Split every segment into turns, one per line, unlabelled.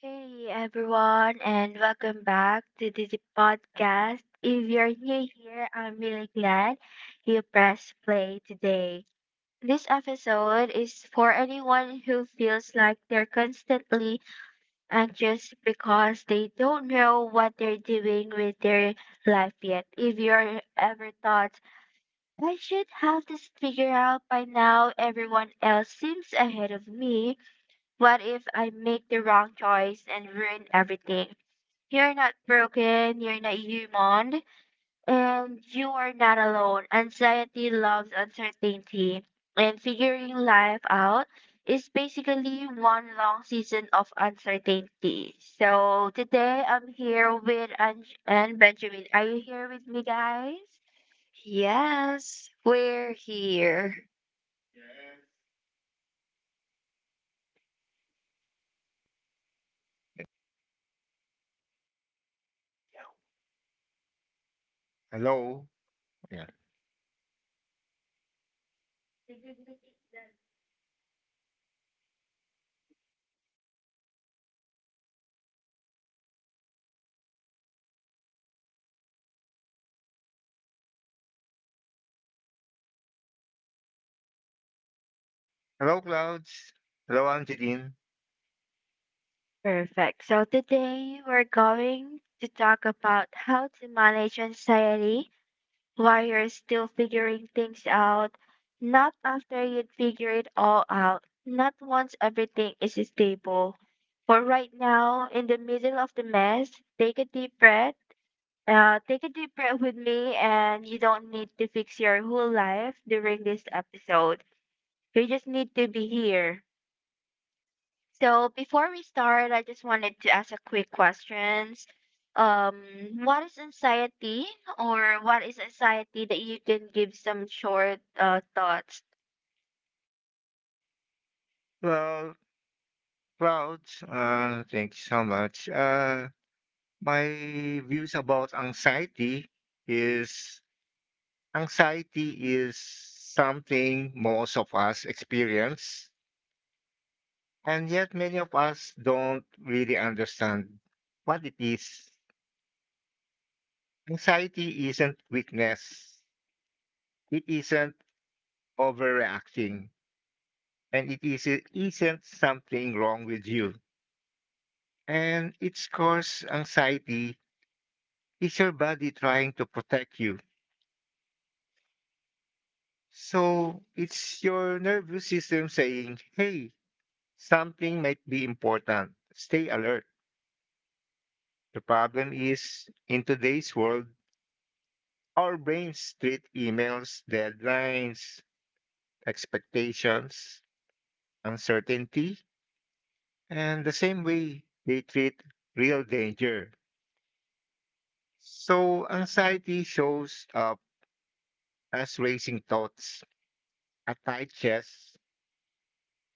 Hey everyone, and welcome back to the podcast. If you're new here, I'm really glad you pressed play today. This episode is for anyone who feels like they're constantly anxious because they don't know what they're doing with their life yet. If you're ever thought, I should have this figured out by now, everyone else seems ahead of me. What if I make the wrong choice and ruin everything? You're not broken, you're not human, and you are not alone. Anxiety loves uncertainty, and figuring life out is basically one long season of uncertainty. So today I'm here with Ange and Benjamin. Are you here with me, guys? Yes,
Yes,
we're
we're
here.
here.
Hello. Yeah. Hello, Clouds. Hello, Angeline.
Perfect. So today we're going to talk about how to manage anxiety while you're still figuring things out. Not after you'd figure it all out. Not once everything is stable. For right now, in the middle of the mess, take a deep breath. Take a deep breath with me, and you don't need to fix your whole life during this episode. You just need to be here. So before we start, I just wanted to ask a quick questions. Um, what is anxiety, or what is anxiety that you can give some short thoughts?
Well, Clouds, thank you so much. My views about is anxiety is something most of us experience, and yet many of us don't really understand what it is. Anxiety isn't weakness. It isn't overreacting, and isn't something wrong with you and its cause anxiety is your body trying to protect you. So it's your nervous system saying, hey, something might be important. Stay alert. The problem is in today's world, our brains treat emails, deadlines, expectations, uncertainty, and the same way they treat real danger. So anxiety shows up as racing thoughts, a tight chest,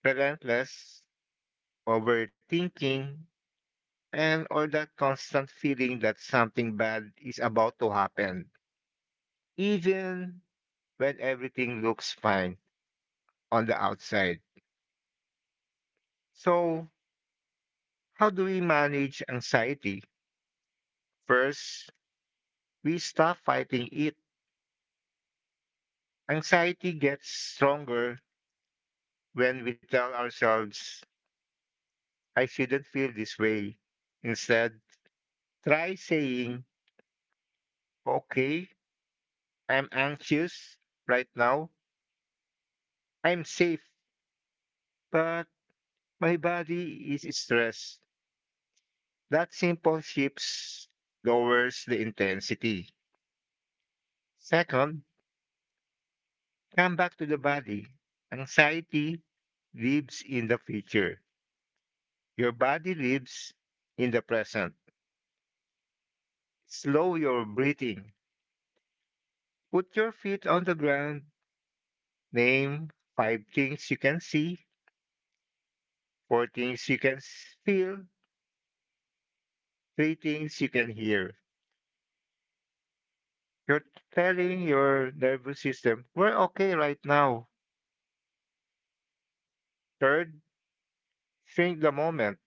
relentless, overthinking, and all that constant feeling that something bad is about to happen, even when everything looks fine on the outside. So, how do we manage anxiety? First, we stop fighting it. Anxiety gets stronger when we tell ourselves, I shouldn't feel this way. Instead, try saying, okay, I'm anxious right now. I'm safe, but my body is stressed. That simple shifts lowers the intensity. Second, come back to the body. Anxiety lives in the future. Your body lives in the present. Slow your breathing. Put your feet on the ground. Name five things you can see, four things you can feel, three things you can hear. You're telling your nervous system, we're okay right now. Third, shrink the moment.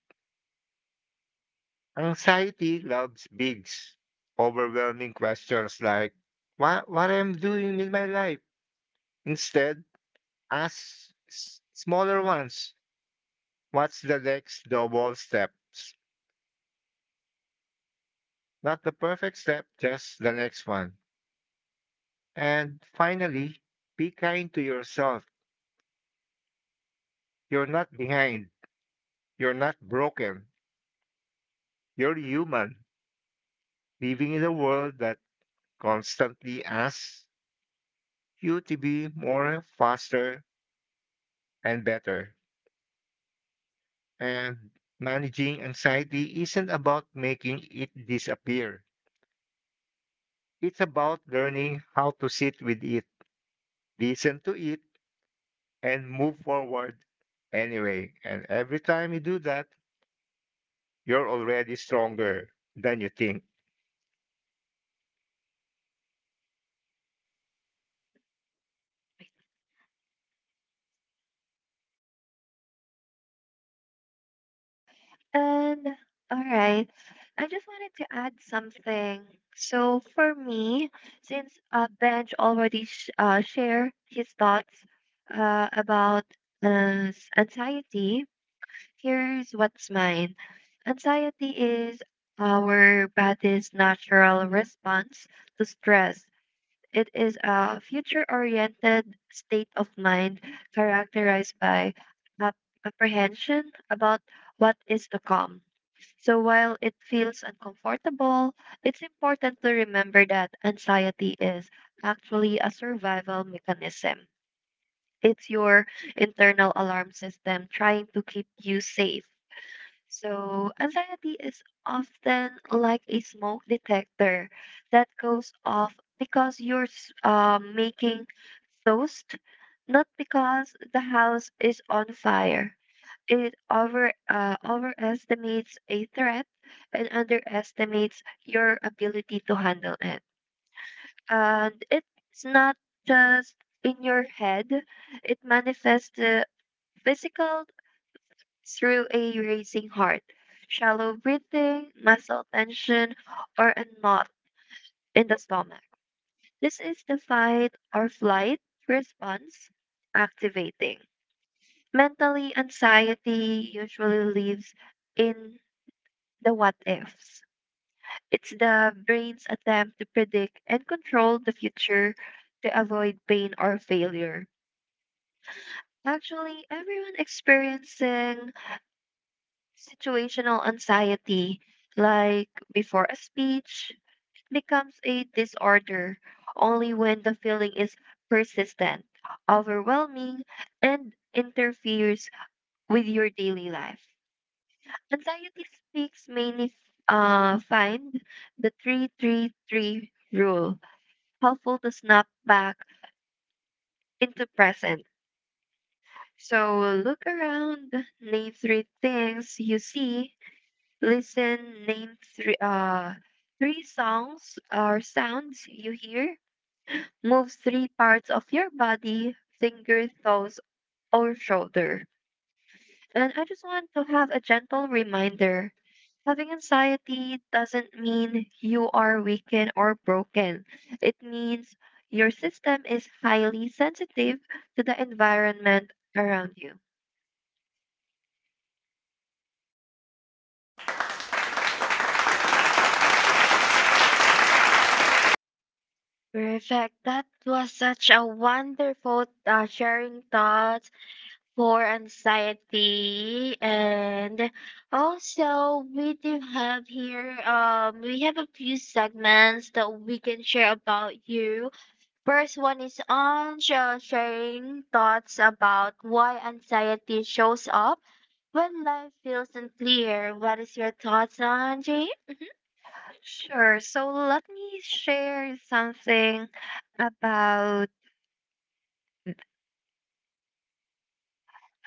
Anxiety loves bigs, overwhelming questions like, what I'm doing with my life? Instead, ask smaller ones. What's the next double steps? Not the perfect step, just the next one. And finally, be kind to yourself. You're not behind. You're not broken. You're human, living in a world that constantly asks you to be more, faster, and better. And managing anxiety isn't about making it disappear. It's about learning how to sit with it, listen to it, and move forward anyway. And every time you do that, you're already stronger than you think.
And all right, I just wanted to add something. So for me, since Benj already shared his thoughts about anxiety, here's what's mine. Anxiety is our body's natural response to stress. It is a future oriented state of mind characterized by ap- apprehension about what is to come. So while it feels uncomfortable, it's important to remember that anxiety is actually a survival mechanism. It's your internal alarm system trying to keep you safe. So, anxiety is often like a smoke detector that goes off because you're making toast, not because the house is on fire. It overestimates a threat and underestimates your ability to handle it. And it's not just in your head; it manifests physical through a racing heart, shallow breathing, muscle tension, or a knot in the stomach. This is the fight or flight response activating. Mentally, anxiety usually lives in the what ifs. It's the brain's attempt to predict and control the future to avoid pain or failure. Actually, everyone experiencing situational anxiety, like before a speech, becomes a disorder only when the feeling is persistent, overwhelming, and interferes with your daily life. Anxiety speaks mainly find the 3-3-3 rule helpful to snap back into present. So look around, name three things you see. Listen, name three songs or sounds you hear. Move three parts of your body, finger, toes, or shoulder. And I just want to have a gentle reminder. Having anxiety doesn't mean you are weakened or broken. It means your system is highly sensitive to the environment around you.
Perfect. That was such a wonderful sharing thoughts for anxiety, and also we do have here we have a few segments that we can share about you. First one is on sharing thoughts about why anxiety shows up when life feels unclear. What is your thoughts on Jane?
Sure,
Sure.
so let me share something about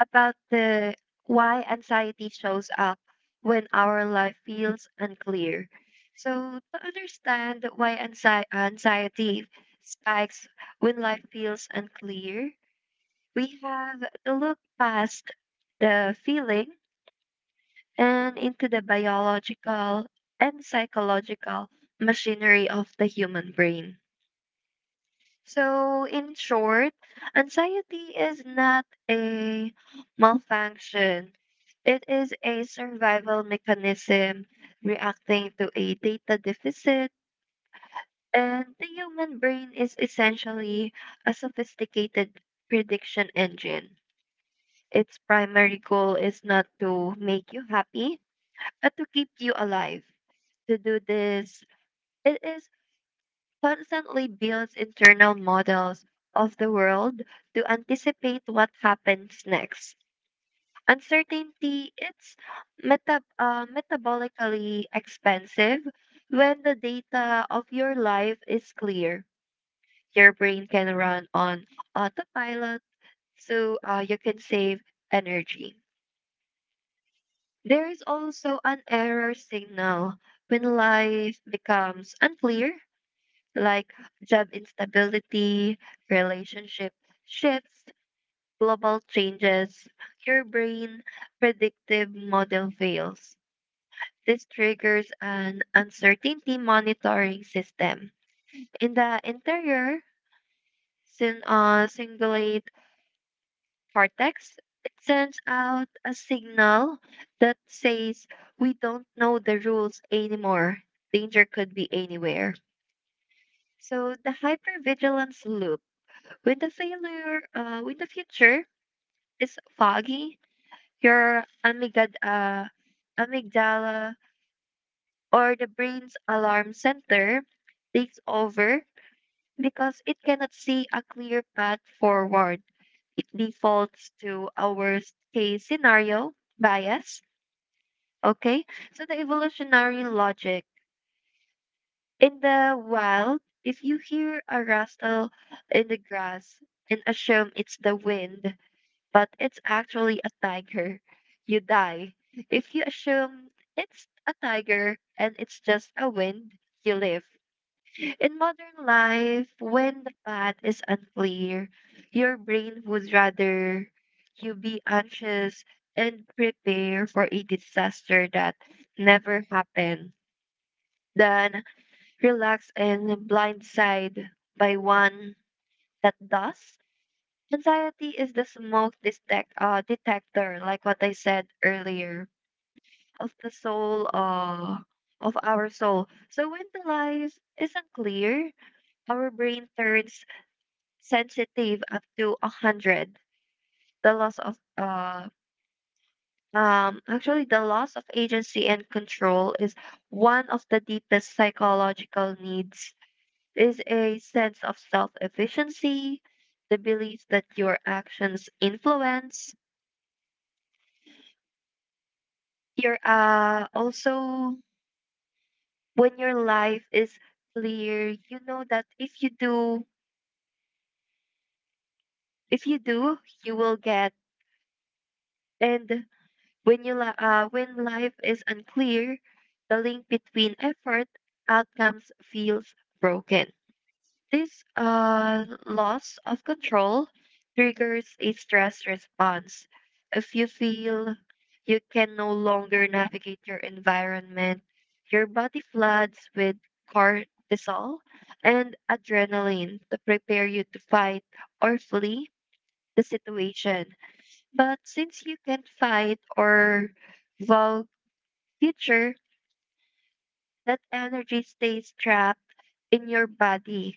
about the why anxiety shows up when our life feels unclear. So to understand why anxiety spikes when life feels unclear, we have to look past the feeling and into the biological and psychological machinery of the human brain. So, in short, anxiety is not a malfunction. It is a survival mechanism reacting to a data deficit, and the human brain is essentially a sophisticated prediction engine. Its primary goal is not to make you happy, but to keep you alive. To do this, it is constantly builds internal models of the world to anticipate what happens next. Uncertainty it's metabolically expensive when the data of your life is clear. Your brain can run on autopilot, so you can save energy. There is also an error signal when life becomes unclear like job instability, relationship shifts, global changes, your brain predictive model fails. This triggers an uncertainty monitoring system. In the interior cingulate cortex, it sends out a signal that says, we don't know the rules anymore. Danger could be anywhere. So the hypervigilance loop. When the future is foggy, your amygdala or the brain's alarm center takes over because it cannot see a clear path forward. It defaults to a worst case scenario bias. Okay, so the evolutionary logic in the wild, if you hear a rustle in the grass and assume it's the wind, but it's actually a tiger, you die. If you assume it's a tiger and it's just a wind, you live. In modern life, when the path is unclear, your brain would rather you be anxious and prepare for a disaster that never happened than relax and blindsided by one that does. Anxiety is the smoke detector, like what I said earlier, of the soul uh of our soul. So when the life isn't clear, our brain turns sensitive up to 100. The loss of actually, the loss of agency and control is one of the deepest psychological needs is a sense of self efficiency, the belief that your actions influence you're also when your life is clear you know that if you do if you do you will get, and when you when life is unclear the link between effort outcomes feels broken. This loss of control triggers a stress response. If you feel you can no longer navigate your environment, your body floods with cortisol and adrenaline to prepare you to fight or flee the situation. But since you can't fight or vow future, that energy stays trapped in your body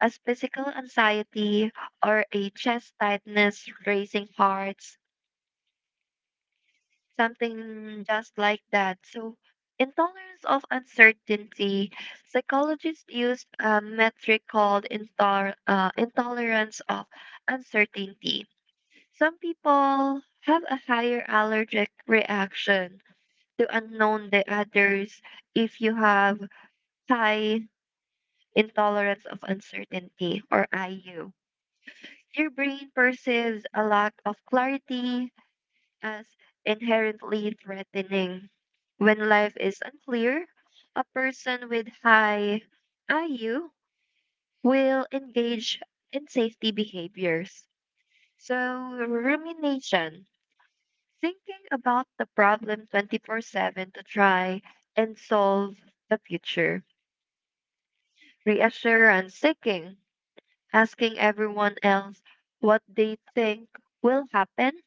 as physical anxiety or a chest tightness, racing hearts, something just like that. So, intolerance of uncertainty, psychologists used a metric called intolerance of uncertainty. Some people have a higher allergic reaction to unknown than others. If you have high intolerance of uncertainty or IU, your brain perceives a lack of clarity as inherently threatening. When life is unclear, a person with high IU will engage in safety behaviors. So, rumination, thinking about the problem 24/7 to try and solve the future. Reassurance seeking, asking everyone else what they think will happen,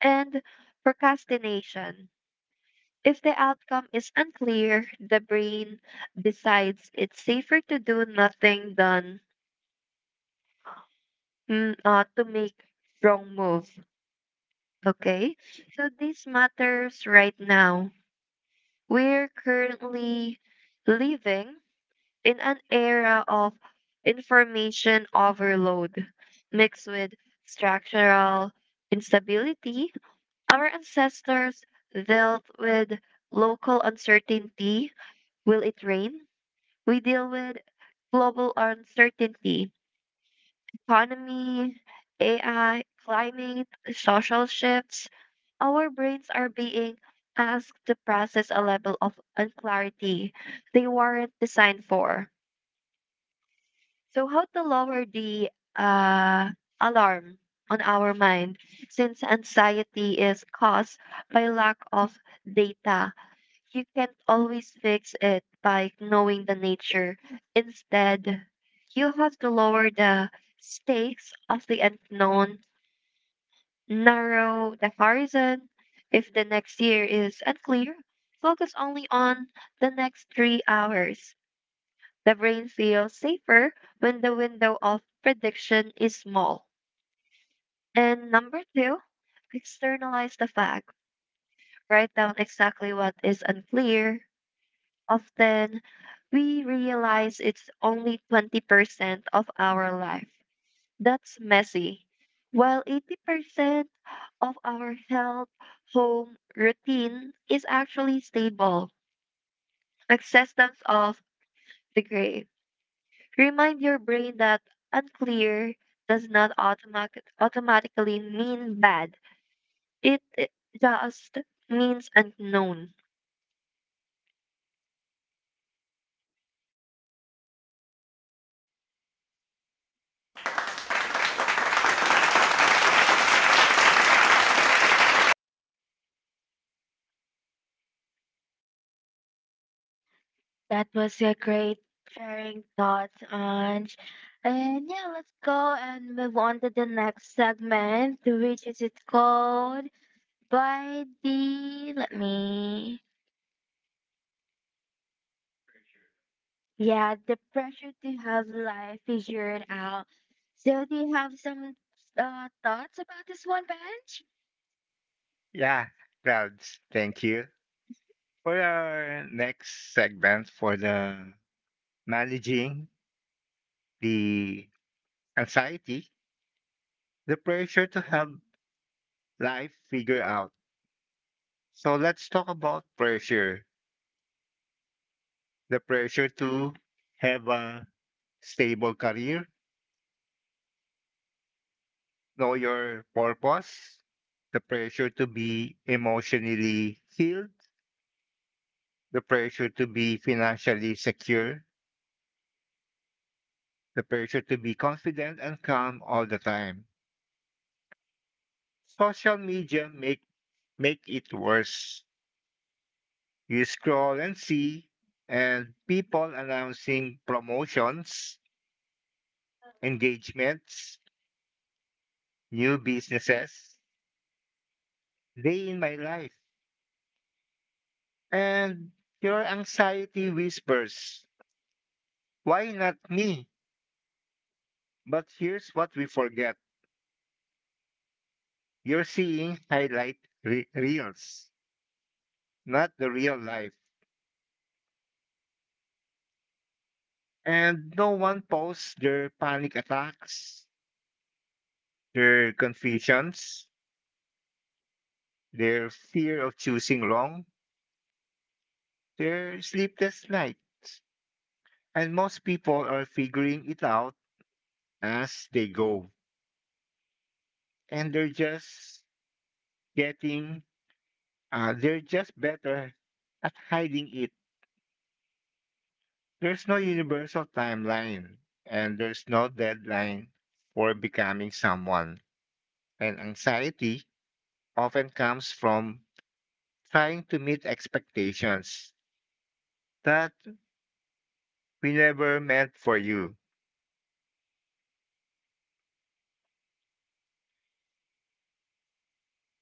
and procrastination. If the outcome is unclear, the brain decides it's safer to do nothing than to make wrong move. Okay, so this matters right now. We're currently living in an era of information overload mixed with structural instability. Our ancestors dealt with local uncertainty. Will it rain? We deal with global uncertainty, economy, AI, climate, social shifts. Our brains are being asked to process a level of unclarity they weren't designed for. So, how to lower the uh, alarm on our mind since anxiety is caused by lack of data. You can't always fix it by knowing the nature. Instead, you have to lower the stakes of the unknown, narrow the horizon. If the next year is unclear, focus only on the next 3 hours. The brain feels safer when the window of prediction is small. And number two, externalize the fact. Write down exactly what is unclear, often we realize it's only 20% of our life. That's messy. While 80% of our health, home, routine is actually stable, acceptance of the grave. Remind your brain that unclear does not automatically mean bad. It just means unknown.
That was a great sharing thoughts on. And yeah, let's go and move on to the next segment, which is it's called by the let me Yeah, the pressure to have life figured out. So, do you have some thoughts about this one, Bench?
Yeah, crowds, thank you. For our next segment for the managing the anxiety, the pressure to have life figure out. So let's talk about pressure the pressure to have a stable career, know your purpose, the pressure to be emotionally healed, the pressure to be financially secure, the pressure to be confident and calm all the time. Social media make it worse. You scroll and see and people announcing promotions, engagements, new businesses, day in my life. And your anxiety whispers, why not me? But here's what we forget you're seeing highlight reels, not the real life. And no one posts their panic attacks, their confusions, their fear of choosing wrong, their sleepless nights. And most people are figuring it out as they go. And they're just getting, they're just better at hiding it. There's no universal timeline and there's no deadline for becoming someone. And anxiety often comes from trying to meet expectations that we never meant for you.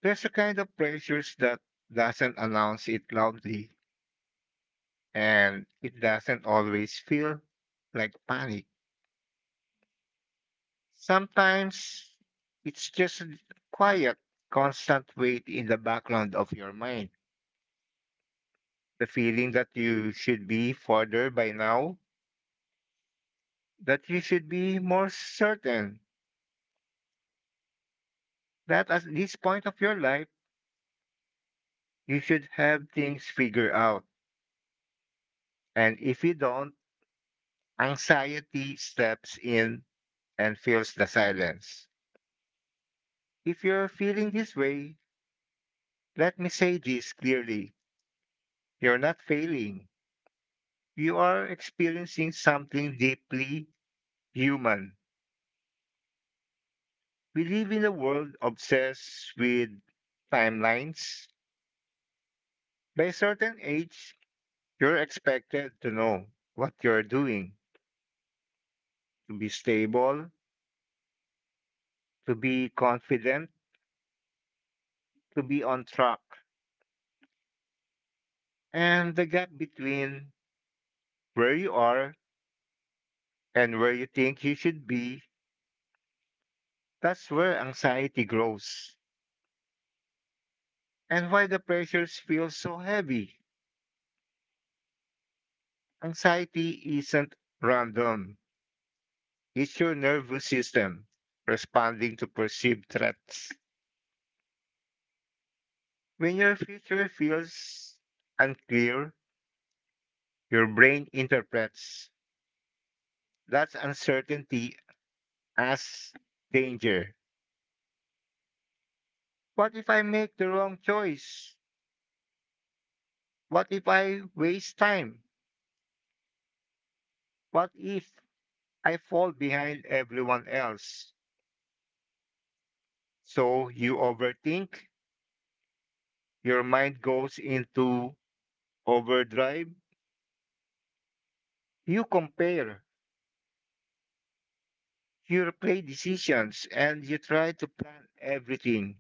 There's a kind of pressures that doesn't announce it loudly and it doesn't always feel like panic. Sometimes it's just a quiet, constant weight in the background of your mind. The feeling that you should be further by now, that you should be more certain that at this point of your life, you should have things figured out. And if you don't, anxiety steps in and fills the silence. If you're feeling this way, let me say this clearly you're not failing. You are experiencing something deeply human. We live in a world obsessed with timelines. By a certain age, you're expected to know what you're doing, to be stable, to be confident, to be on track. And the gap between where you are and where you think you should be, that's where anxiety grows. And why the pressures feel so heavy. Anxiety isn't random, it's your nervous system responding to perceived threats. When your future feels unclear, your brain interprets that's uncertainty as danger. What if I make the wrong choice? What if I waste time? What if I fall behind everyone else? So you overthink, your mind goes into overdrive, you compare, you replay decisions, and you try to plan everything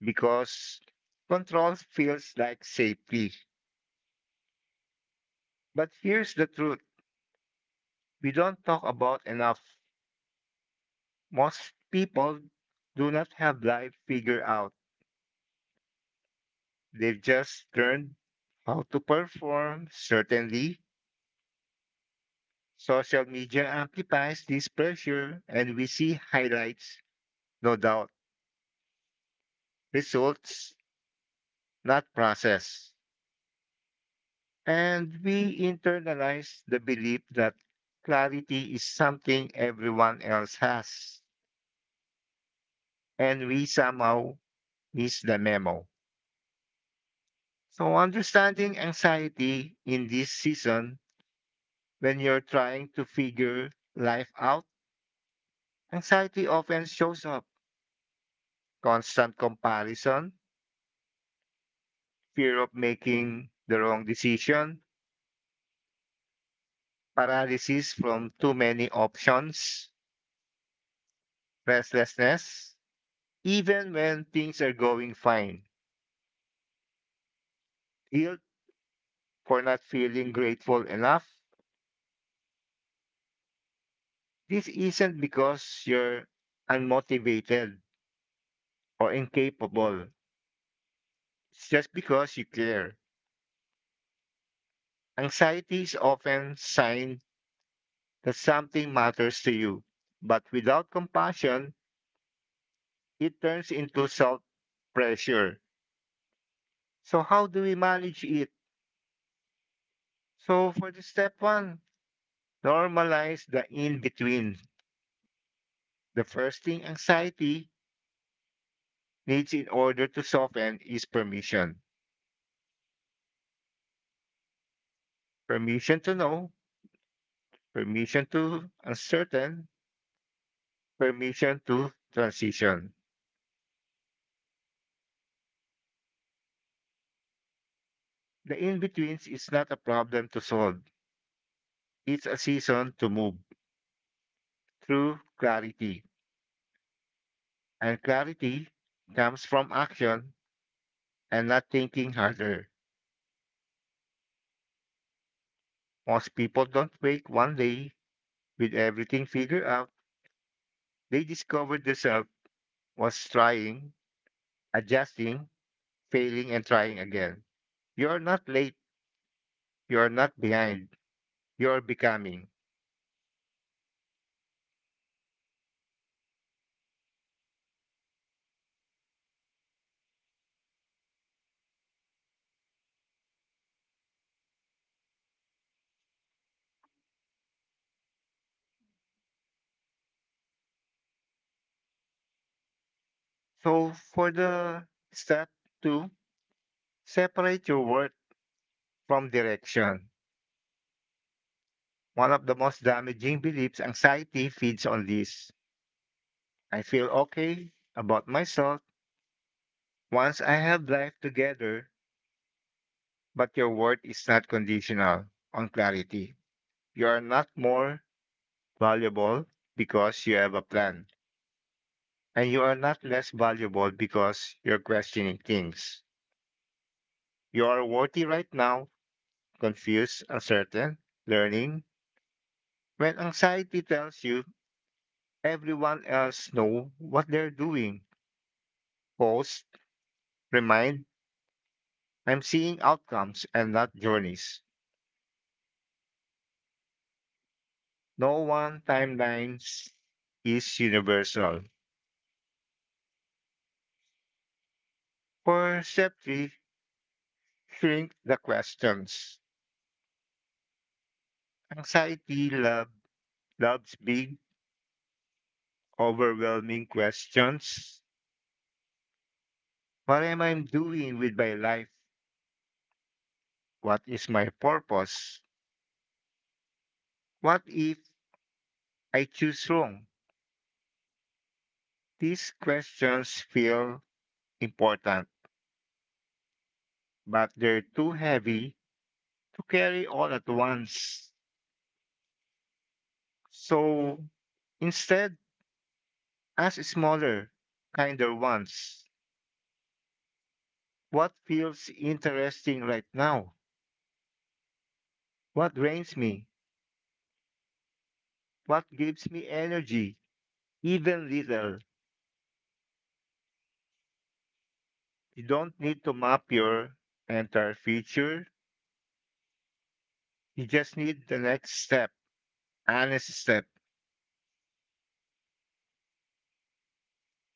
because control feels like safety. But here's the truth we don't talk about enough. Most people do not have life figured out. They've just learned how to perform. Certainly, social media amplifies this pressure, and we see highlights, no doubt, results, not process. And we internalize the belief that clarity is something everyone else has, and we somehow miss the memo. So, understanding anxiety in this season when you're trying to figure life out, anxiety often shows up. Constant comparison, fear of making the wrong decision, paralysis from too many options, restlessness, even when things are going fine, guilt for not feeling grateful enough. This isn't because you're unmotivated or incapable. It's just because you care. Anxiety is often sign that something matters to you. But without compassion, it turns into self pressure. So, how do we manage it? So, for the step one, normalize the in between. The first thing anxiety needs in order to soften is permission permission to know, permission to uncertain, permission to transition. The in betweens is not a problem to solve, it's a season to move through clarity. And clarity comes from action and not thinking harder. Most people don't wake one day with everything figured out. They discover themselves was trying, adjusting, failing, and trying again. You are not late. You are not behind. You are becoming. So for the step two, separate your worth from direction. One of the most damaging beliefs anxiety feeds on this. I feel okay about myself once I have life together, but your worth is not conditional on clarity. You are not more valuable because you have a plan, and you are not less valuable because you're questioning things. You are worthy right now, confused, uncertain, learning. When anxiety tells you everyone else know what they're doing, post, remind, I'm seeing outcomes and not journeys. No one timeline is universal. For step three, shrink the questions. Anxiety love, loves big, overwhelming questions. What am I doing with my life? What is my purpose? What if I choose wrong? These questions feel important, but they're too heavy to carry all at once. So instead, ask smaller, kinder ones. What feels interesting right now? What drains me? What gives me energy? Even little. You don't need to map your entire future. You just need the next step, honest step.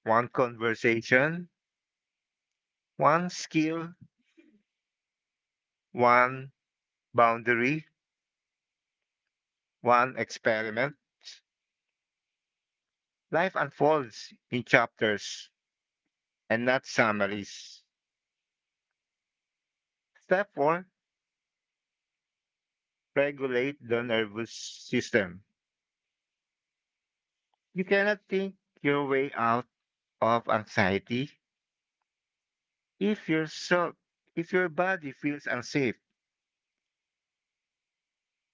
One conversation, one skill, one boundary, one experiment. Life unfolds in chapters and not summaries. Step four, regulate the nervous system. You cannot think your way out of anxiety. If your so- if your body feels unsafe,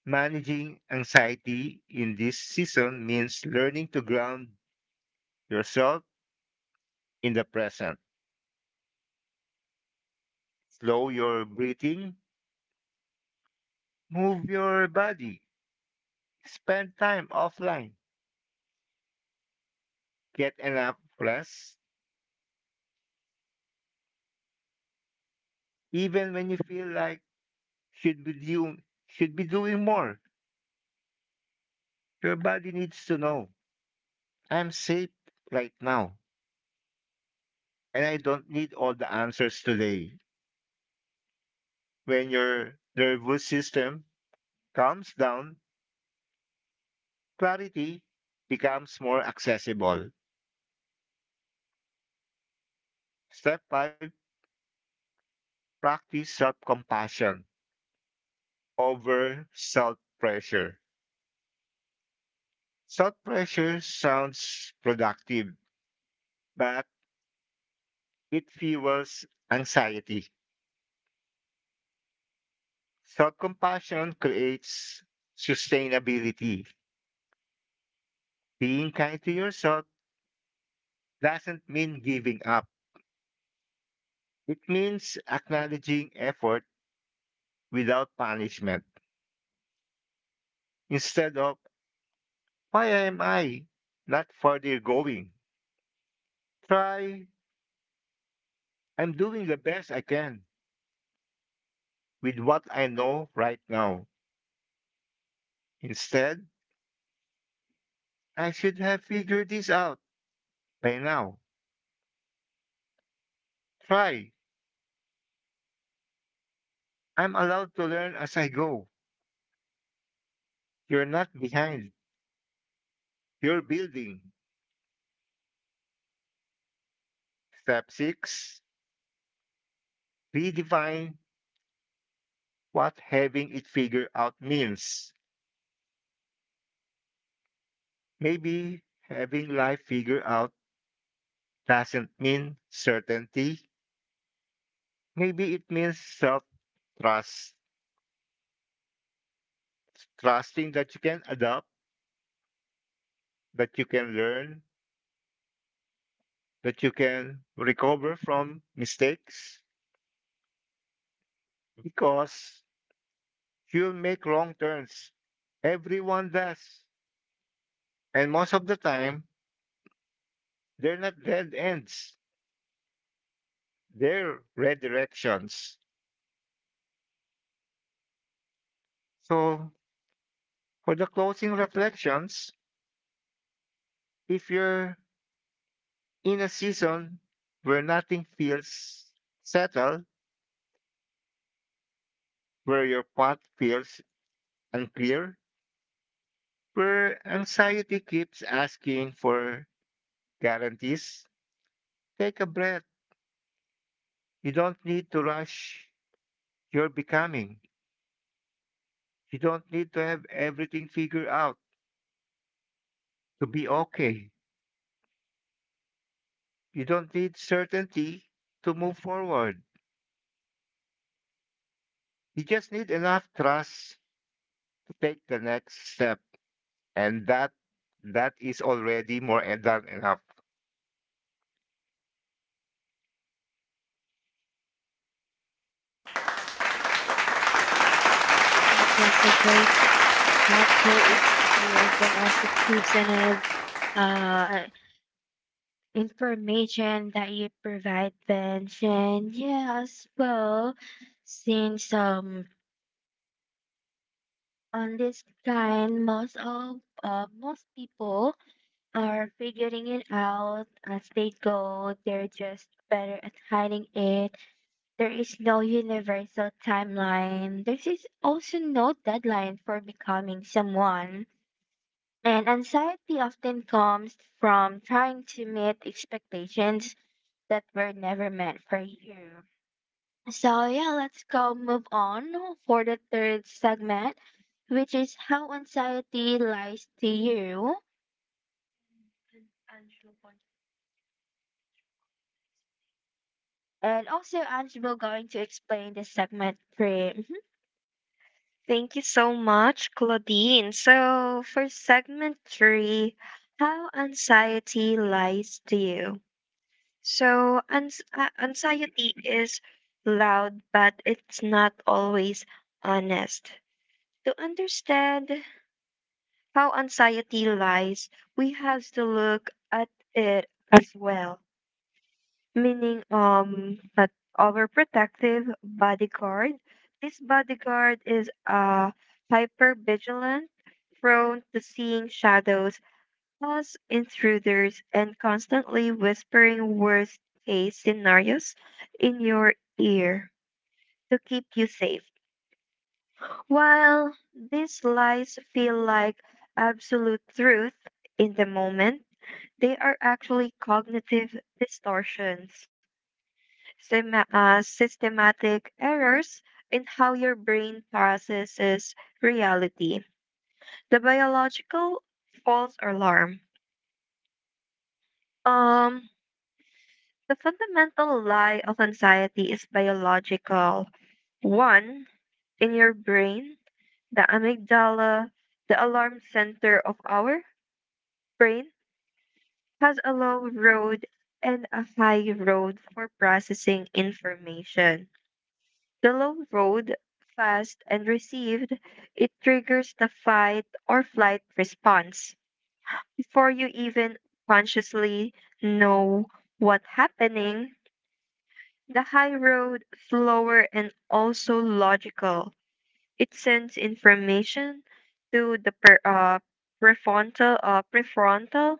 managing anxiety in this season means learning to ground yourself in the present. Slow your breathing, move your body, spend time offline, get enough rest. Even when you feel like should be doing more, your body needs to know I'm safe right now, and I don't need all the answers today. When your nervous system calms down, clarity becomes more accessible. Step 5, practice self compassion over self pressure. Self pressure sounds productive, but it fuels anxiety. Self compassion creates sustainability. Being kind to yourself doesn't mean giving up, it means acknowledging effort without punishment. Instead of why am I not further going? Try, I'm doing the best I can with what I know right now. Instead, I should have figured this out by now. Try, I'm allowed to learn as I go. You're not behind, you're building. Step 6, redefine what having it figured out means. Maybe having life figured out doesn't mean certainty, maybe it means self trust trusting that you can adapt, that you can learn, that you can recover from mistakes because you'll make wrong turns. Everyone does. And most of the time, they're not dead ends, they're redirections. So, for the closing reflections, if you're in a season where nothing feels settled, where your path feels unclear, where anxiety keeps asking for guarantees, take a breath. You don't need to rush your becoming. You don't need to have everything figured out to be okay. You don't need certainty to move forward. You just need enough trust to take the next step. And that is already more than enough.
That was a great, thoughtful experience, and also tips and uh, uh, information that you provide, Bench. And yeah, as well, since on this kind, most people are figuring it out as they go. They're just better at hiding it. There is no universal timeline. There is also no deadline for becoming someone. And anxiety often comes from trying to meet expectations that were never meant for you. So, yeah, let's go move on for the third segment, which is how anxiety lies to you. And also, Angelo going to explain this segment frame.
Thank you so much, Claudine. So, for segment three, how anxiety lies to you. So, anxiety is loud, but it's not always honest. To understand how anxiety lies, we have to look at it as well meaning but overprotective bodyguard. This bodyguard is hyper vigilant, prone to seeing shadows as intruders and constantly whispering worst case scenarios in your ear to keep you safe. While these lies feel like absolute truth in the moment, they are actually cognitive distortions. Systematic errors in how your brain processes reality. The biological false alarm. Um, the fundamental lie of anxiety is biological. One, in your brain, the amygdala, the alarm center of our brain, has a low road and a high road for processing information. The low road, fast and received, it triggers the fight or flight response before you even consciously know what's happening. The high road, slower and also logical, it sends information to the prefrontal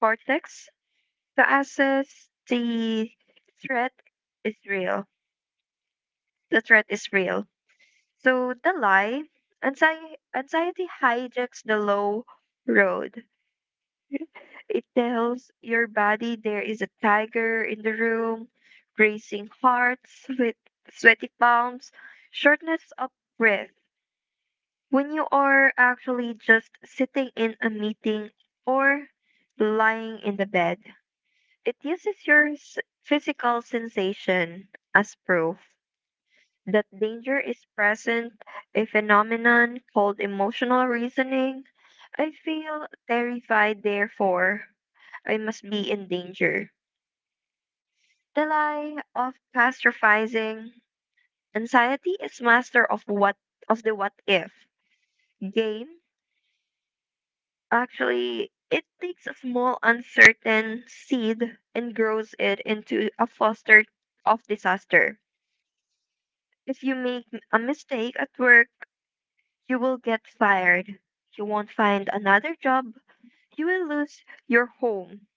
cortex to assess the threat is real. The threat is real. So the lie, anxiety hijacks the low road. It tells your body there is a tiger in the room, racing hearts with sweaty palms, shortness of breath. When you are actually just sitting in a meeting or lying in the bed, it uses your physical sensation as proof that danger is present, a phenomenon called emotional reasoning. I feel terrified, therefore, I must be in danger. The lie of catastrophizing. Anxiety is master of what of the what if game. Actually, it takes a small uncertain seed and grows it into a foster of disaster. If you make a mistake at work, you will get fired. You won't find another job. You will lose your home.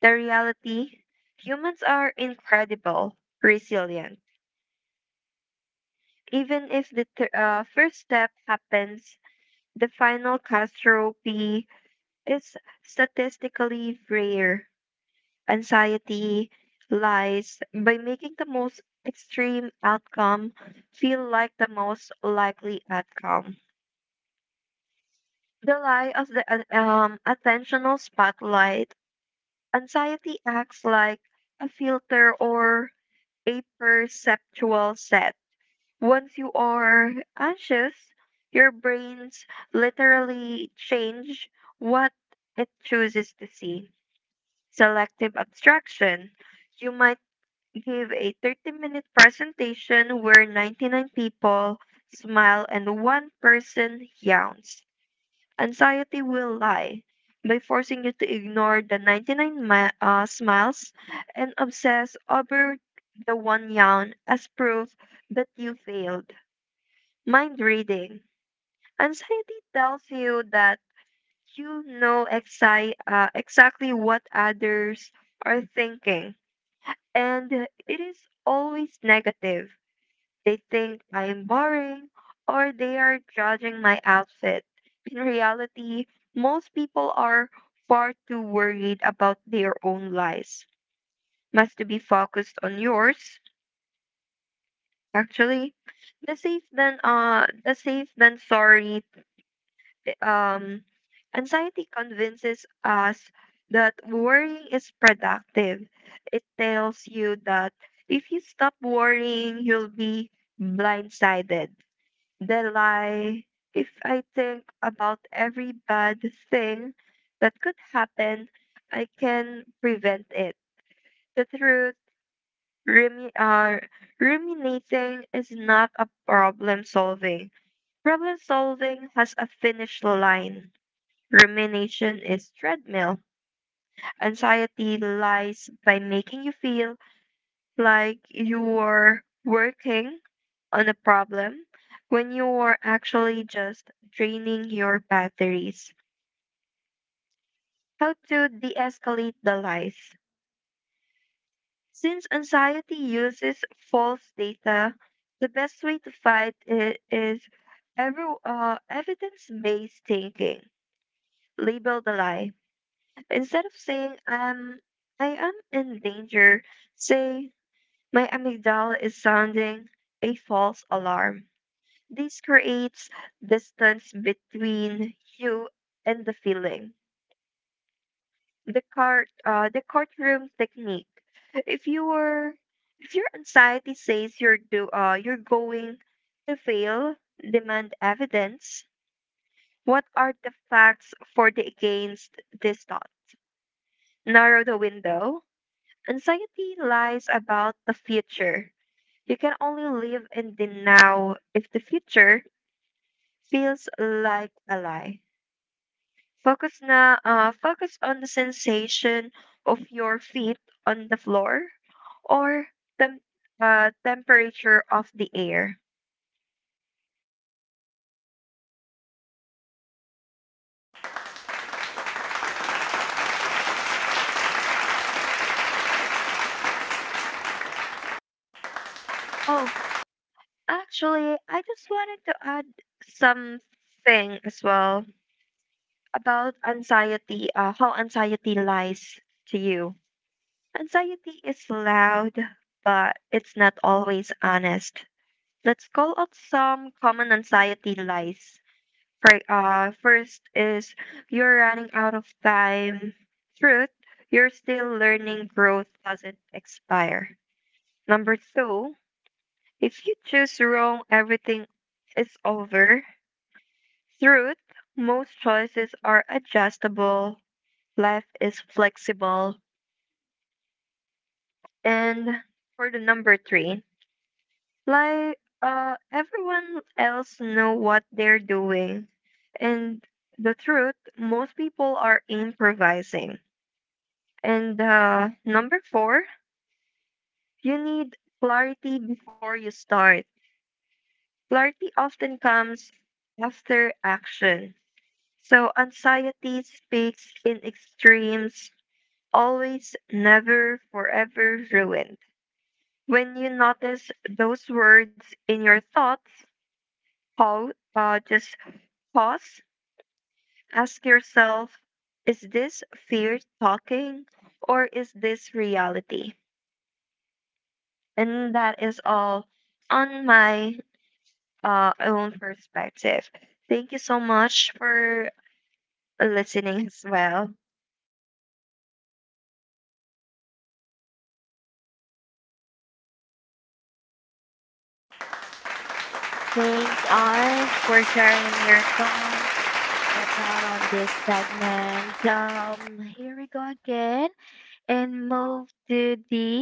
The reality, humans are incredible, resilient. Even if the first step happens, the final catastrophe is statistically rare. Anxiety lies by making the most extreme outcome feel like the most likely outcome. The lie of the attentional spotlight. Anxiety acts like a filter or a perceptual set. Once you are anxious, your brains literally change what it chooses to see. Selective abstraction. You might give a 30-minute presentation where 99 people smile and one person yawns. Anxiety will lie by forcing you to ignore the 99 smiles and obsess over the one yawn as proof that you failed. Mind reading. Anxiety tells you that you know exactly what others are thinking, and it is always negative. They think I am boring or they are judging my outfit. In reality, most people are far too worried about their own lives. Must to be focused on yours. Actually, the safe than sorry um anxiety convinces us that worrying is productive. It tells you that if you stop worrying, you'll be blindsided. The lie, if I think about every bad thing that could happen, I can prevent it. The truth, rumi- uh, ruminating is not a problem solving. Problem solving has a finish line. Rumination is treadmill. Anxiety lies by making you feel like you are working on a problem when you are actually just draining your batteries. How to de escalate the lies. Since anxiety uses false data, the best way to fight it is every, evidence based thinking. Label the lie. Instead of saying, I am in danger, say, my amygdala is sounding a false alarm. This creates distance between you and the feeling. The courtroom technique. If your if your anxiety says you're going to fail, demand evidence. What are the facts for the against this thought? Narrow the window. Anxiety lies about the future. You can only live in the now if the future feels like a lie. Focus on the sensation of your feet on the floor or the temperature of the air. Oh,
Oh, actually,
actually, I
I just
just wanted
wanted
to
to
add
add
something
something
as well
well about
about
anxiety,
anxiety, how
how anxiety
anxiety
might
lies
to
to
you.
you.
Anxiety
Anxiety
is
is loud,
around, but
but it's
it's
not
not always
always
honest.
honest. Let's
Let's go
call
off
out some
some
common
common
anxiety
anxiety vibes.
lies.
For
Right,
first
first
is
is you're
you're
running
running
out
out of
of
time.
time. Truth,
Truth,
you're
you're
still
still learning to
learning.
grow,
Growth doesn't
doesn't expire.
expire. Number
Number two,
two, if you choose wrong, everything is over. Truth, most choices are adjustable. Life is flexible. And for the number three, everyone else know what they're doing, and the truth, most people are improvising. And number four, you need clarity before you start. Clarity often comes after action. So anxiety speaks in extremes, always, never, forever ruined. When you notice those words in your thoughts, just pause, ask yourself, is this fear talking or is this reality? And that is all on my own perspective. Thank you so much for listening as well.
thanks, Ange, for sharing your thoughts about on this segment. Here we go again and move to the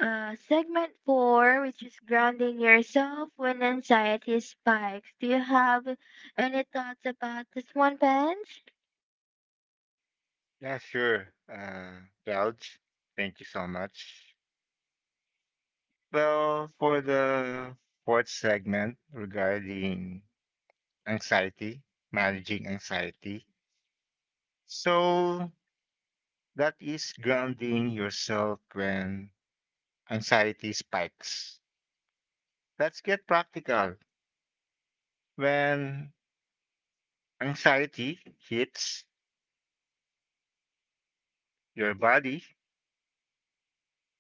segment four, which is grounding yourself when anxiety spikes. Do you have any thoughts about this one, Benj?
Yeah, sure. Raj, thank you so much. Well, for the fourth segment regarding anxiety, managing anxiety. So that is grounding yourself when anxiety spikes. Let's get practical. When anxiety hits your body,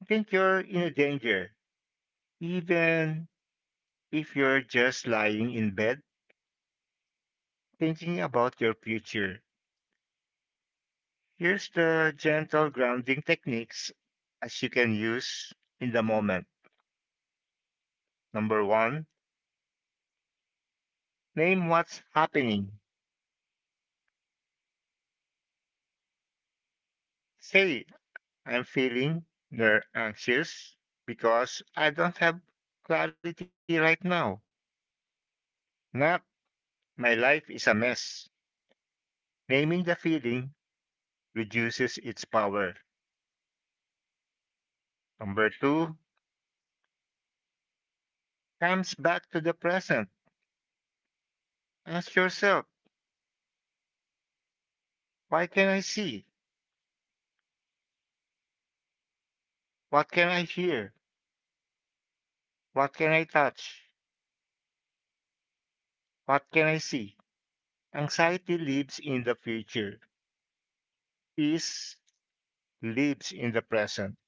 think you're in a danger. Even if you're just lying in bed thinking about your future. Here's the gentle grounding techniques as you can use in the moment. Number one, name what's happening. Say, I'm feeling anxious because I don't have clarity right now. Not, my life is a mess. Naming the feeling reduces its power. Number two, comes back to the present. Ask yourself, why can I see? What can I hear? What can I touch? What can I see? Anxiety lives in the future. Peace lives in the present.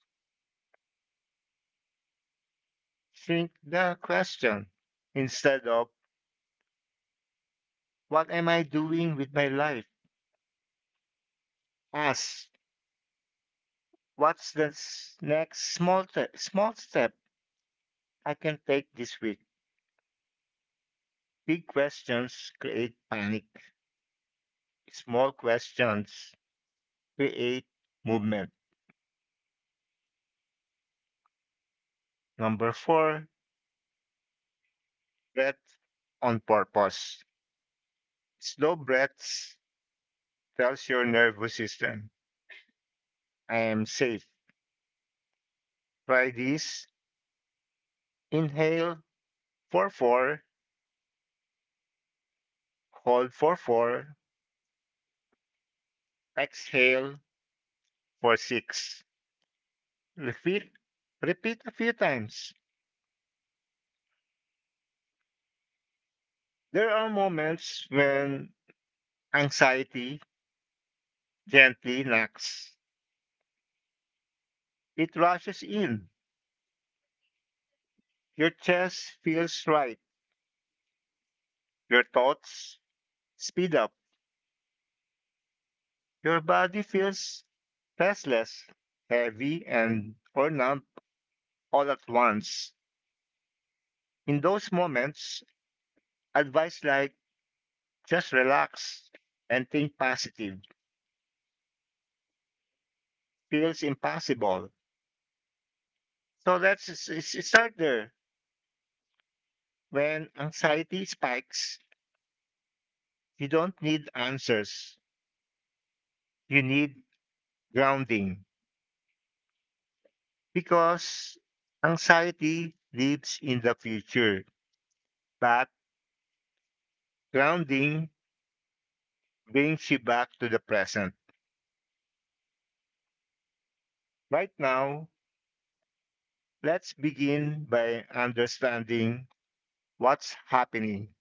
Think the question instead of what am I doing with my life? Ask what's the next small small step I can take this week. Big questions create panic. Small questions create movement. Number 4, breath on purpose. Slow breaths tells your nervous system I am safe. Try this. Inhale for 4, hold for 4, exhale for 6. Repeat, repeat a few times. There are moments when anxiety gently knocks. It rushes in. Your chest feels right. Your thoughts speed up. Your body feels restless, heavy, and or numb all at once. In those moments, advice like "Just relax and think positive" feels impossible. So let's start there. When anxiety spikes, you don't need answers. You need grounding, because anxiety lives in the future, but grounding brings you back to the present. Right now, let's begin by understanding what's happening.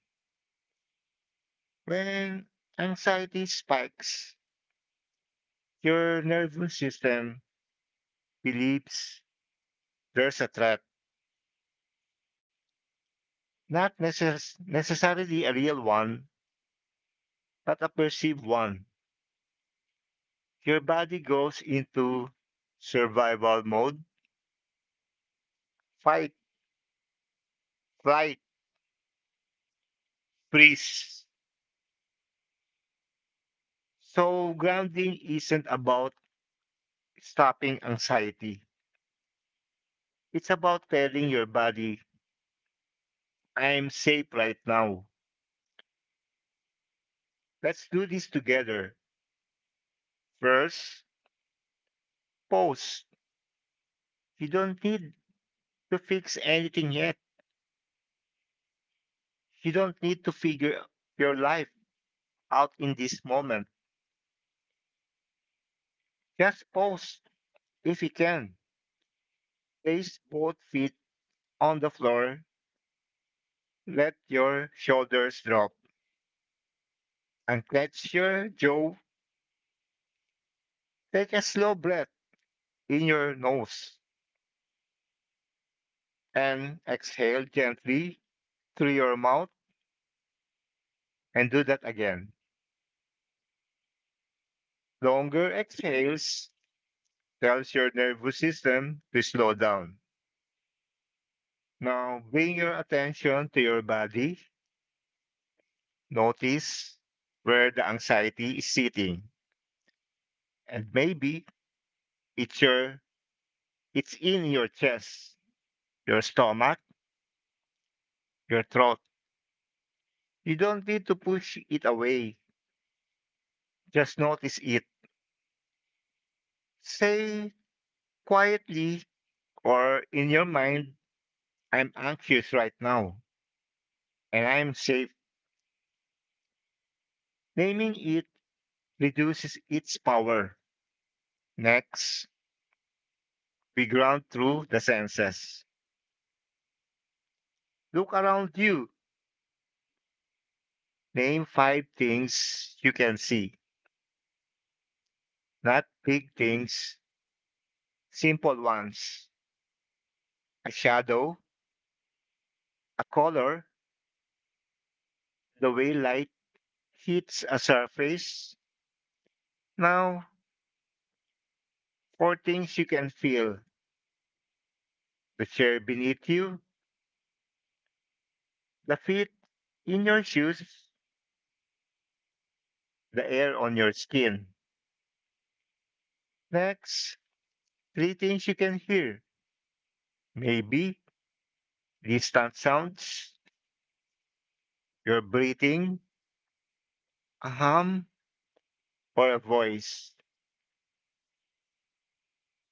When anxiety spikes, your nervous system believes there's a threat, not necessarily a real one, but a perceived one. Your body goes into survival mode: fight, flight, freeze. So, grounding isn't about stopping anxiety, it's about telling your body, I'm safe right now. Let's do this together. First, pause. You don't need to fix anything yet. You don't need to figure your life out in this moment. Just pause if you can. Place both feet on the floor. Let your shoulders drop. Unclench your jaw. Take a slow breath in your nose and exhale gently through your mouth, and do that again. Longer exhales tells your nervous system to slow down. Now bring your attention to your body. Notice where the anxiety is sitting. And maybe it's your it's in your chest, your stomach, your throat. You don't need to push it away. Just notice it. Say quietly or in your mind, I'm anxious right now and I'm safe. Naming it reduces its power. Next, we ground through the senses. Look around you. Name five things you can see. Not big things, simple ones. A shadow, a color, the way light hits a surface. Now, four things you can feel: the chair beneath you, the feet in your shoes, the air on your skin. Next, three things you can hear. Maybe distant sounds, your breathing, a hum, or a voice.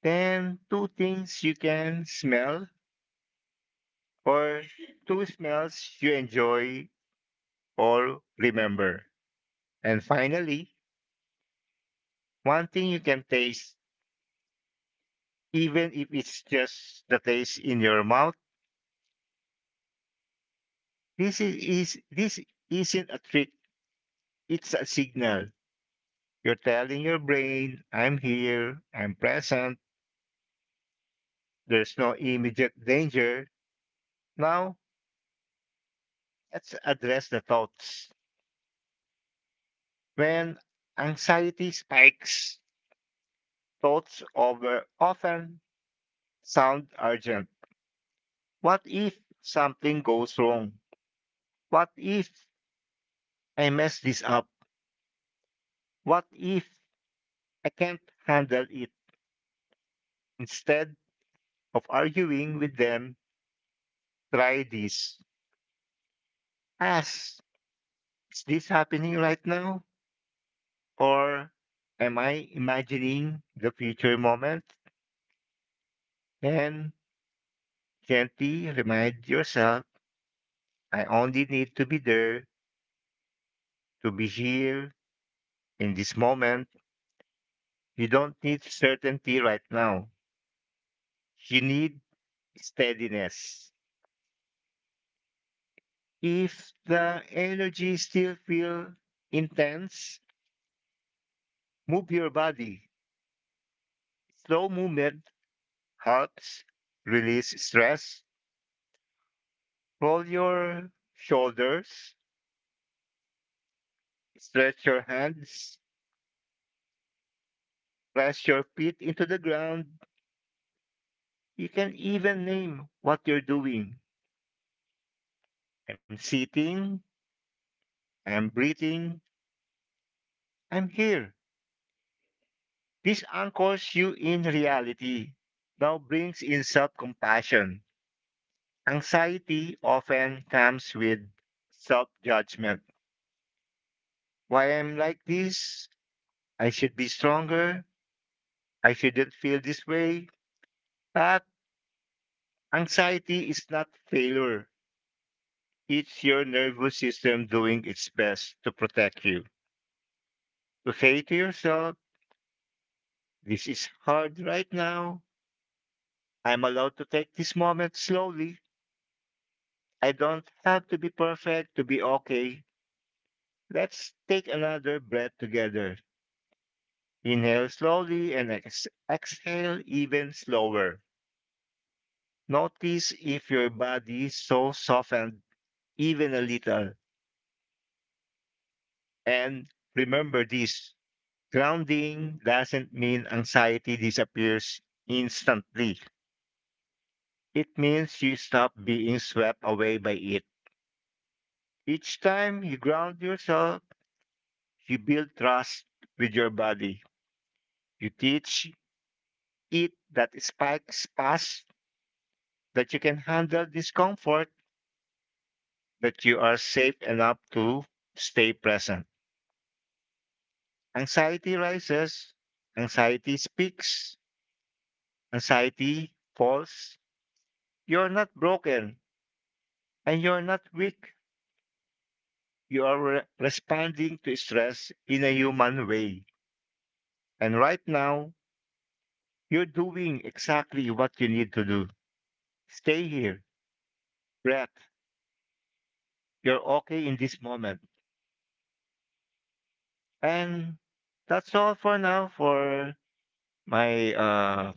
Then, two things you can smell, or two smells you enjoy or remember. And finally, one thing you can taste, even if it's just the taste in your mouth. This is this isn't a trick, it's a signal. You're telling your brain, I'm here, I'm present, there's no immediate danger. Now, let's address the thoughts. When anxiety spikes, thoughts over often sound urgent. What if something goes wrong? What if I mess this up? What if I can't handle it? Instead of arguing with them, try this. Ask, is this happening right now? Or am I imagining the future moment? And gently remind yourself, I only need to be there, to be here in this moment. You don't need certainty right now. You need steadiness. If the energy still feel intense, move your body. Slow movement helps release stress. Roll your shoulders, stretch your hands, press your feet into the ground. You can even name what you're doing. I'm sitting, I'm breathing, I'm here. This anchors you in reality. Now brings in self compassion. Anxiety often comes with self judgment. Why I'm like this? I should be stronger. I shouldn't feel this way. But anxiety is not failure. It's your nervous system doing its best to protect you. To say to yourself, this is hard right now. I'm allowed to take this moment slowly. I don't have to be perfect to be okay. Let's take another breath together. Inhale slowly and exhale even slower. Notice if your body so softened, even a little. And remember this: grounding doesn't mean anxiety disappears instantly. It means you stop being swept away by it. Each time you ground yourself, you build trust with your body. You teach it that spikes pass, that you can handle discomfort, that you are safe enough to stay present. Anxiety rises, anxiety speaks, anxiety falls. You're not broken and you're not weak. You are responding to stress in a human way. And right now, you're doing exactly what you need to do. Stay here, breath. You're okay in this moment. And that's all for now for my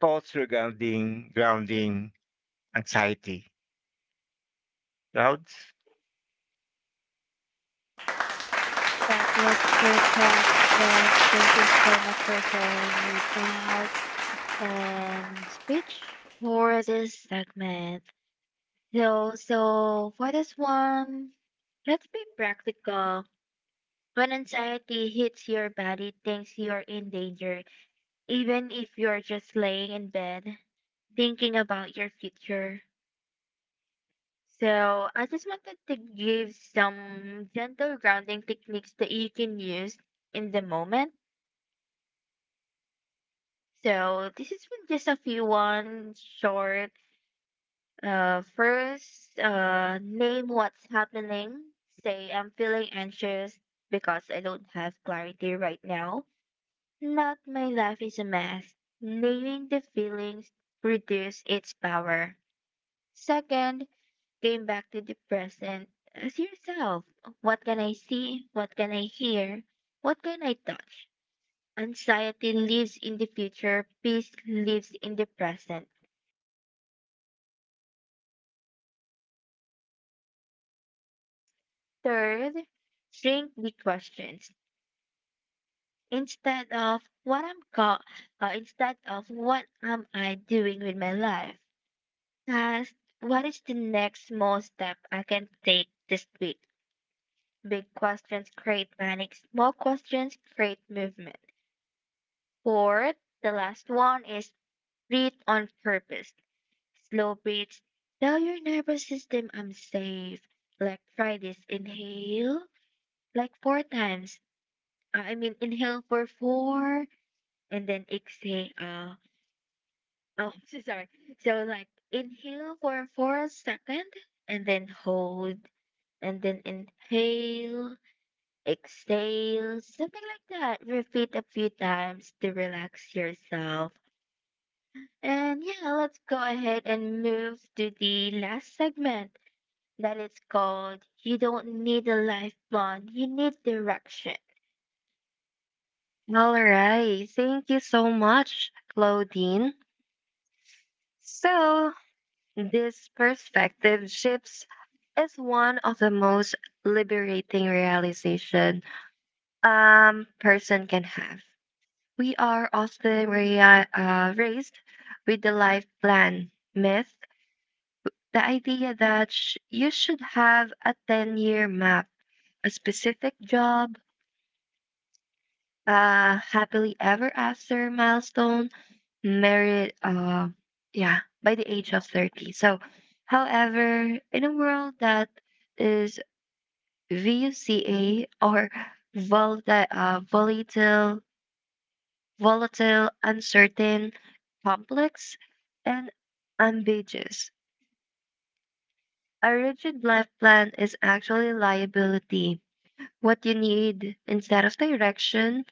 thoughts regarding grounding anxiety, crowds,
That was perfect, Benj. Thank you so much for sharing your thoughts and speech for this segment. So for this one, let's be practical. When anxiety hits your body, thinks you're in danger, even if you're just laying in bed thinking about your future. So, I just wanted to give some gentle grounding techniques that you can use in the moment. So, this has been just a few one short. First, name what's happening. Say, I'm feeling anxious because I don't have clarity right now. Not my life is a mess. Naming the feelings reduce its power. Second, came back to the present as yourself. What can I see? What can I hear? What can I touch? Anxiety lives in the future. Peace lives in the present. Third, shrink the questions instead of what I'm caught, instead of what am I doing with my life? Ask what is the next small step I can take this week? Big questions create panic. Small questions create movement. Fourth, the last one is breathe on purpose. Slow breaths. Tell your nervous system I'm safe. Like try this inhale like four times. I mean inhale for four and then exhale out. Oh, so sorry. So like inhale for a second and then hold and then inhale, exhale, something like that. Repeat a few times to relax yourself. And yeah, let's go ahead and move to the last segment that is called You Don't Need a Life Bond, You Need Direction.
All right. Thank you so much, Claudine. So, this perspective shifts is one of the most liberating realization person can have. We are also raised with the life plan myth, the idea that you should have a 10-year map, a specific job, a happily ever after milestone, married, yeah, by the age of 30. So, however, in a world that is VUCA or volatile, uh, volatile volatile, uncertain, complex, and ambiguous. A rigid life plan is actually liability. What you need instead of direction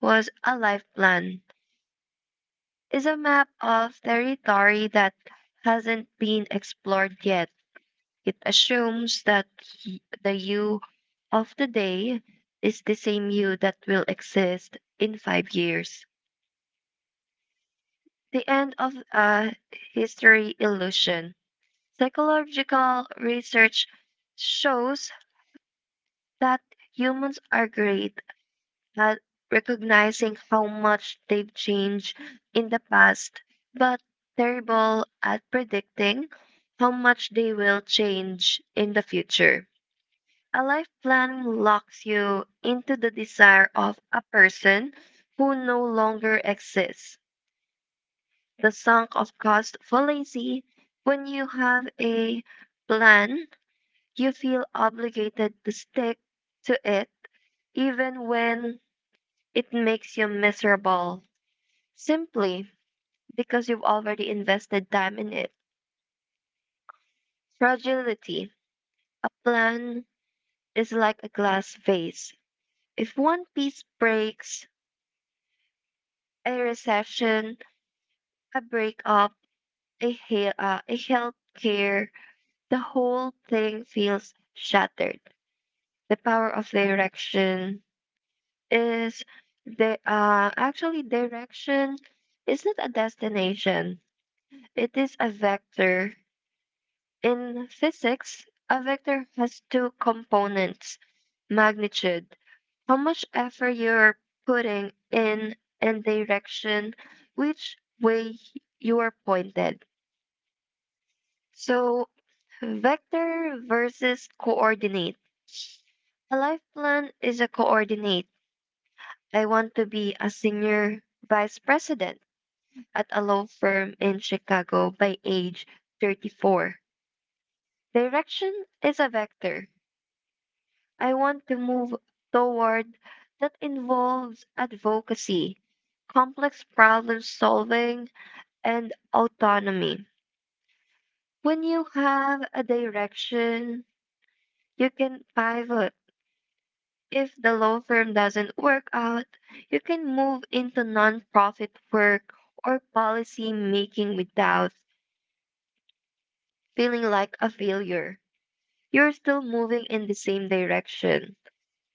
was a life plan, is a map of territory that hasn't been explored yet. It assumes that the you of today is the same you that will exist in 5 years. The end of a history illusion. Psychological research shows that humans are great at recognizing how much they've changed in the past, but terrible at predicting how much they will change in the future. A life plan locks you into the desire of a person who no longer exists. The sunk of cost fallacy when you have a plan you feel obligated to stick to it even when it makes you miserable simply because you've already invested time in it. Fragility. A plan is like a glass vase. If one piece breaks, a recession, a breakup, a health care, the whole thing feels shattered. The power of direction, is the actually direction is not a destination. It is a vector. In physics, a vector has two components, magnitude, how much effort you're putting in and direction, which way you are pointed. So Vector versus coordinate. A life plan is a coordinate. I want to be a senior vice president. At a law firm in Chicago by age 34. Direction is a vector. I want to move toward that involves advocacy, complex problem solving, and autonomy. When you have a direction, you can pivot. If the law firm doesn't work out, you can move into nonprofit work or policy making without feeling like a failure. You're still moving in the same direction,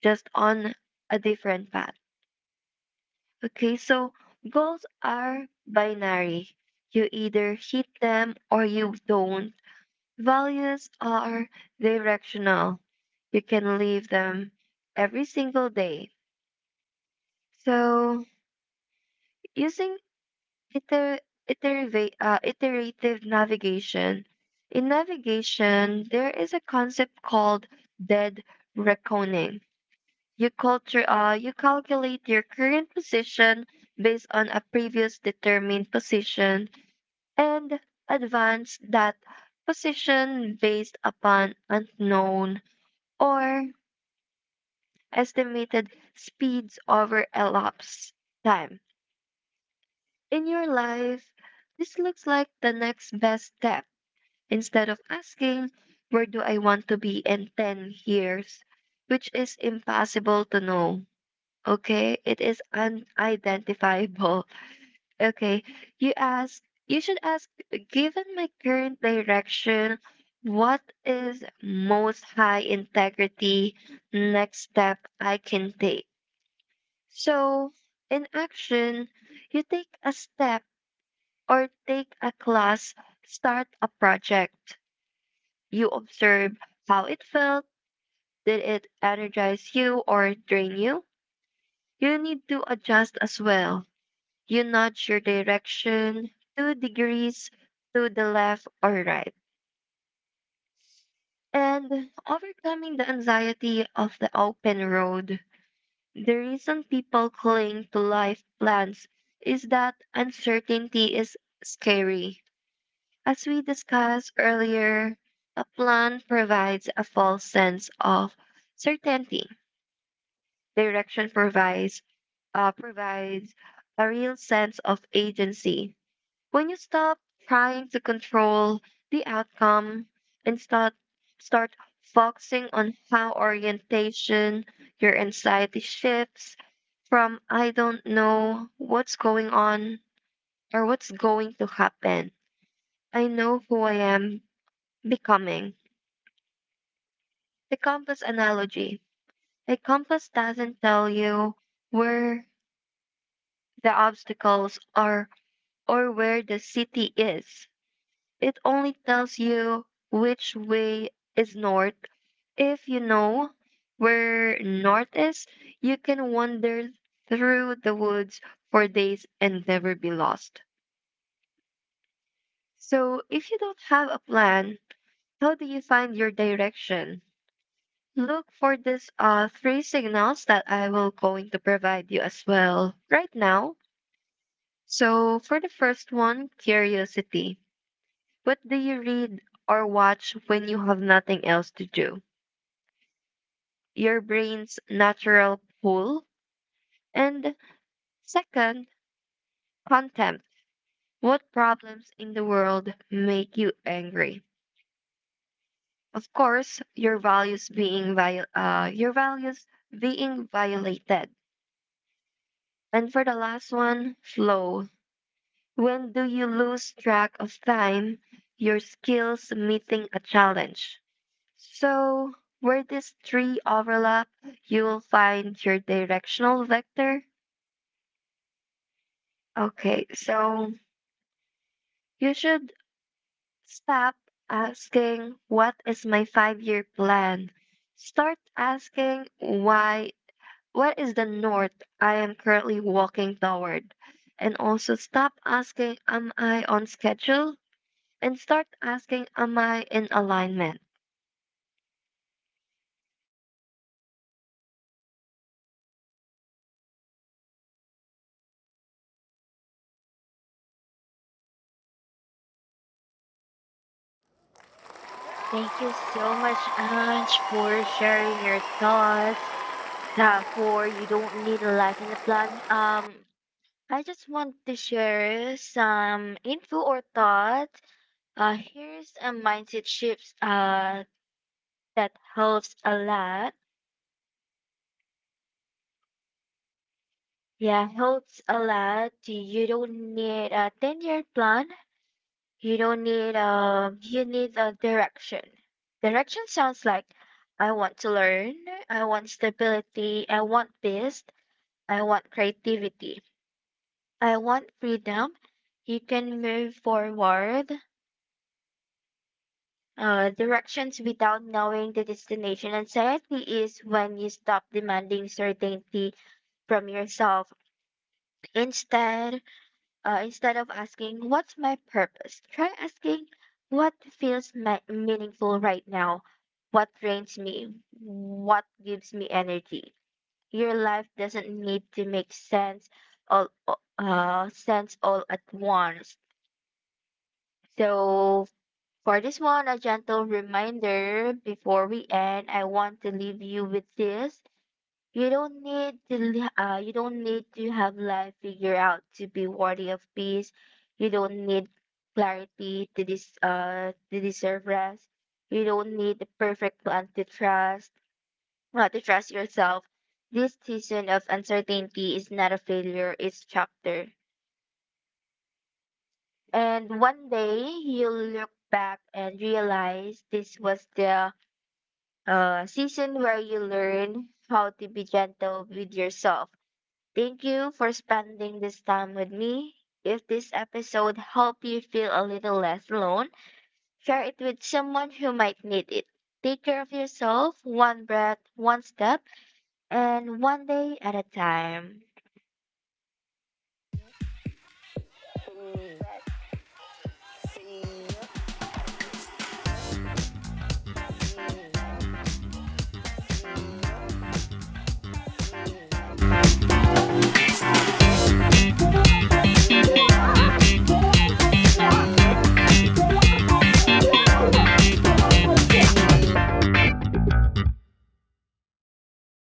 just on a different path. Okay, so goals are binary. You either hit them or you don't. Values are directional. You can leave them every single day. So, using iter- iterative navigation, in navigation, there is a concept called dead reckoning. You calculate your current position based on a previous determined position and advance that position based upon unknown or estimated speeds over elapsed time. In your life, this looks like the next best step instead of asking where do I want to be in 10 years, which is impossible to know. Okay, it is unidentifiable. Okay, you ask, you should ask, given my current direction, what is most high integrity next step I can take? So, in action, you take a step or take a class, start a project. You observe how it felt. Did it energize you or drain you? You need to adjust as well. You nudge your direction 2 degrees to the left or right. And overcoming the anxiety of the open road. The reason people cling to life plans is that uncertainty is scary. As we discussed earlier, a plan provides a false sense of certainty. Direction provides provides a real sense of agency. When you stop trying to control the outcome and start focusing on how orientation your anxiety shifts from I don't know what's going on or what's going to happen. I know who I am becoming. The compass analogy. A compass doesn't tell you where the obstacles are or where the city is. It only tells you which way is north. If you know where north is, you can wander through the woods for days and never be lost. So, if you don't have a plan, how do you find your direction? Look for these three signals that I will going to provide you as well right now. So, for the first one, curiosity. What do you read or watch when you have nothing else to do? Your brain's natural pull, and second, contempt. What problems in the world make you angry? Of course, your values being your values being violated. And for the last one, flow. When do you lose track of time? Your skills meeting a challenge. So, where these three overlap, you will find your directional vector. Okay, so you should stop asking, what is my 5 year plan? Start asking, why? What is the north I am currently walking toward? And also stop asking, am I on schedule? And start asking, am I in alignment?
Thank you so much, Ange, for sharing your thoughts. Yeah, for you don't need a life in the plan. I just want to share some info or thoughts. Here's a mindset shift that helps a lot. Yeah, helps a lot. You don't need a 10-year plan. You don't need you need a direction. Direction sounds like I want to learn, I want stability, I want peace, I want creativity, I want freedom. You can move forward directions without knowing the destination. Anxiety is when you stop demanding certainty from yourself. Instead, instead of asking, "What's my purpose?" Try asking, "What feels meaningful right now? What drains me? What gives me energy?" Your life doesn't need to make all sense all at once. So for this one, a gentle reminder before we end, I want to leave you with this. You don't need to have life figured out to be worthy of peace. You don't need clarity to this to deserve rest. You don't need the perfect plan to trust yourself. This season of uncertainty is not a failure, it's chapter. And one day you'll look back and realize this was the season where you learn how to be gentle with yourself. Thank you for spending this time with me. If this episode helped you feel a little less alone, share it with someone who might need it. Take care of yourself, one breath, one step, and one day at a time.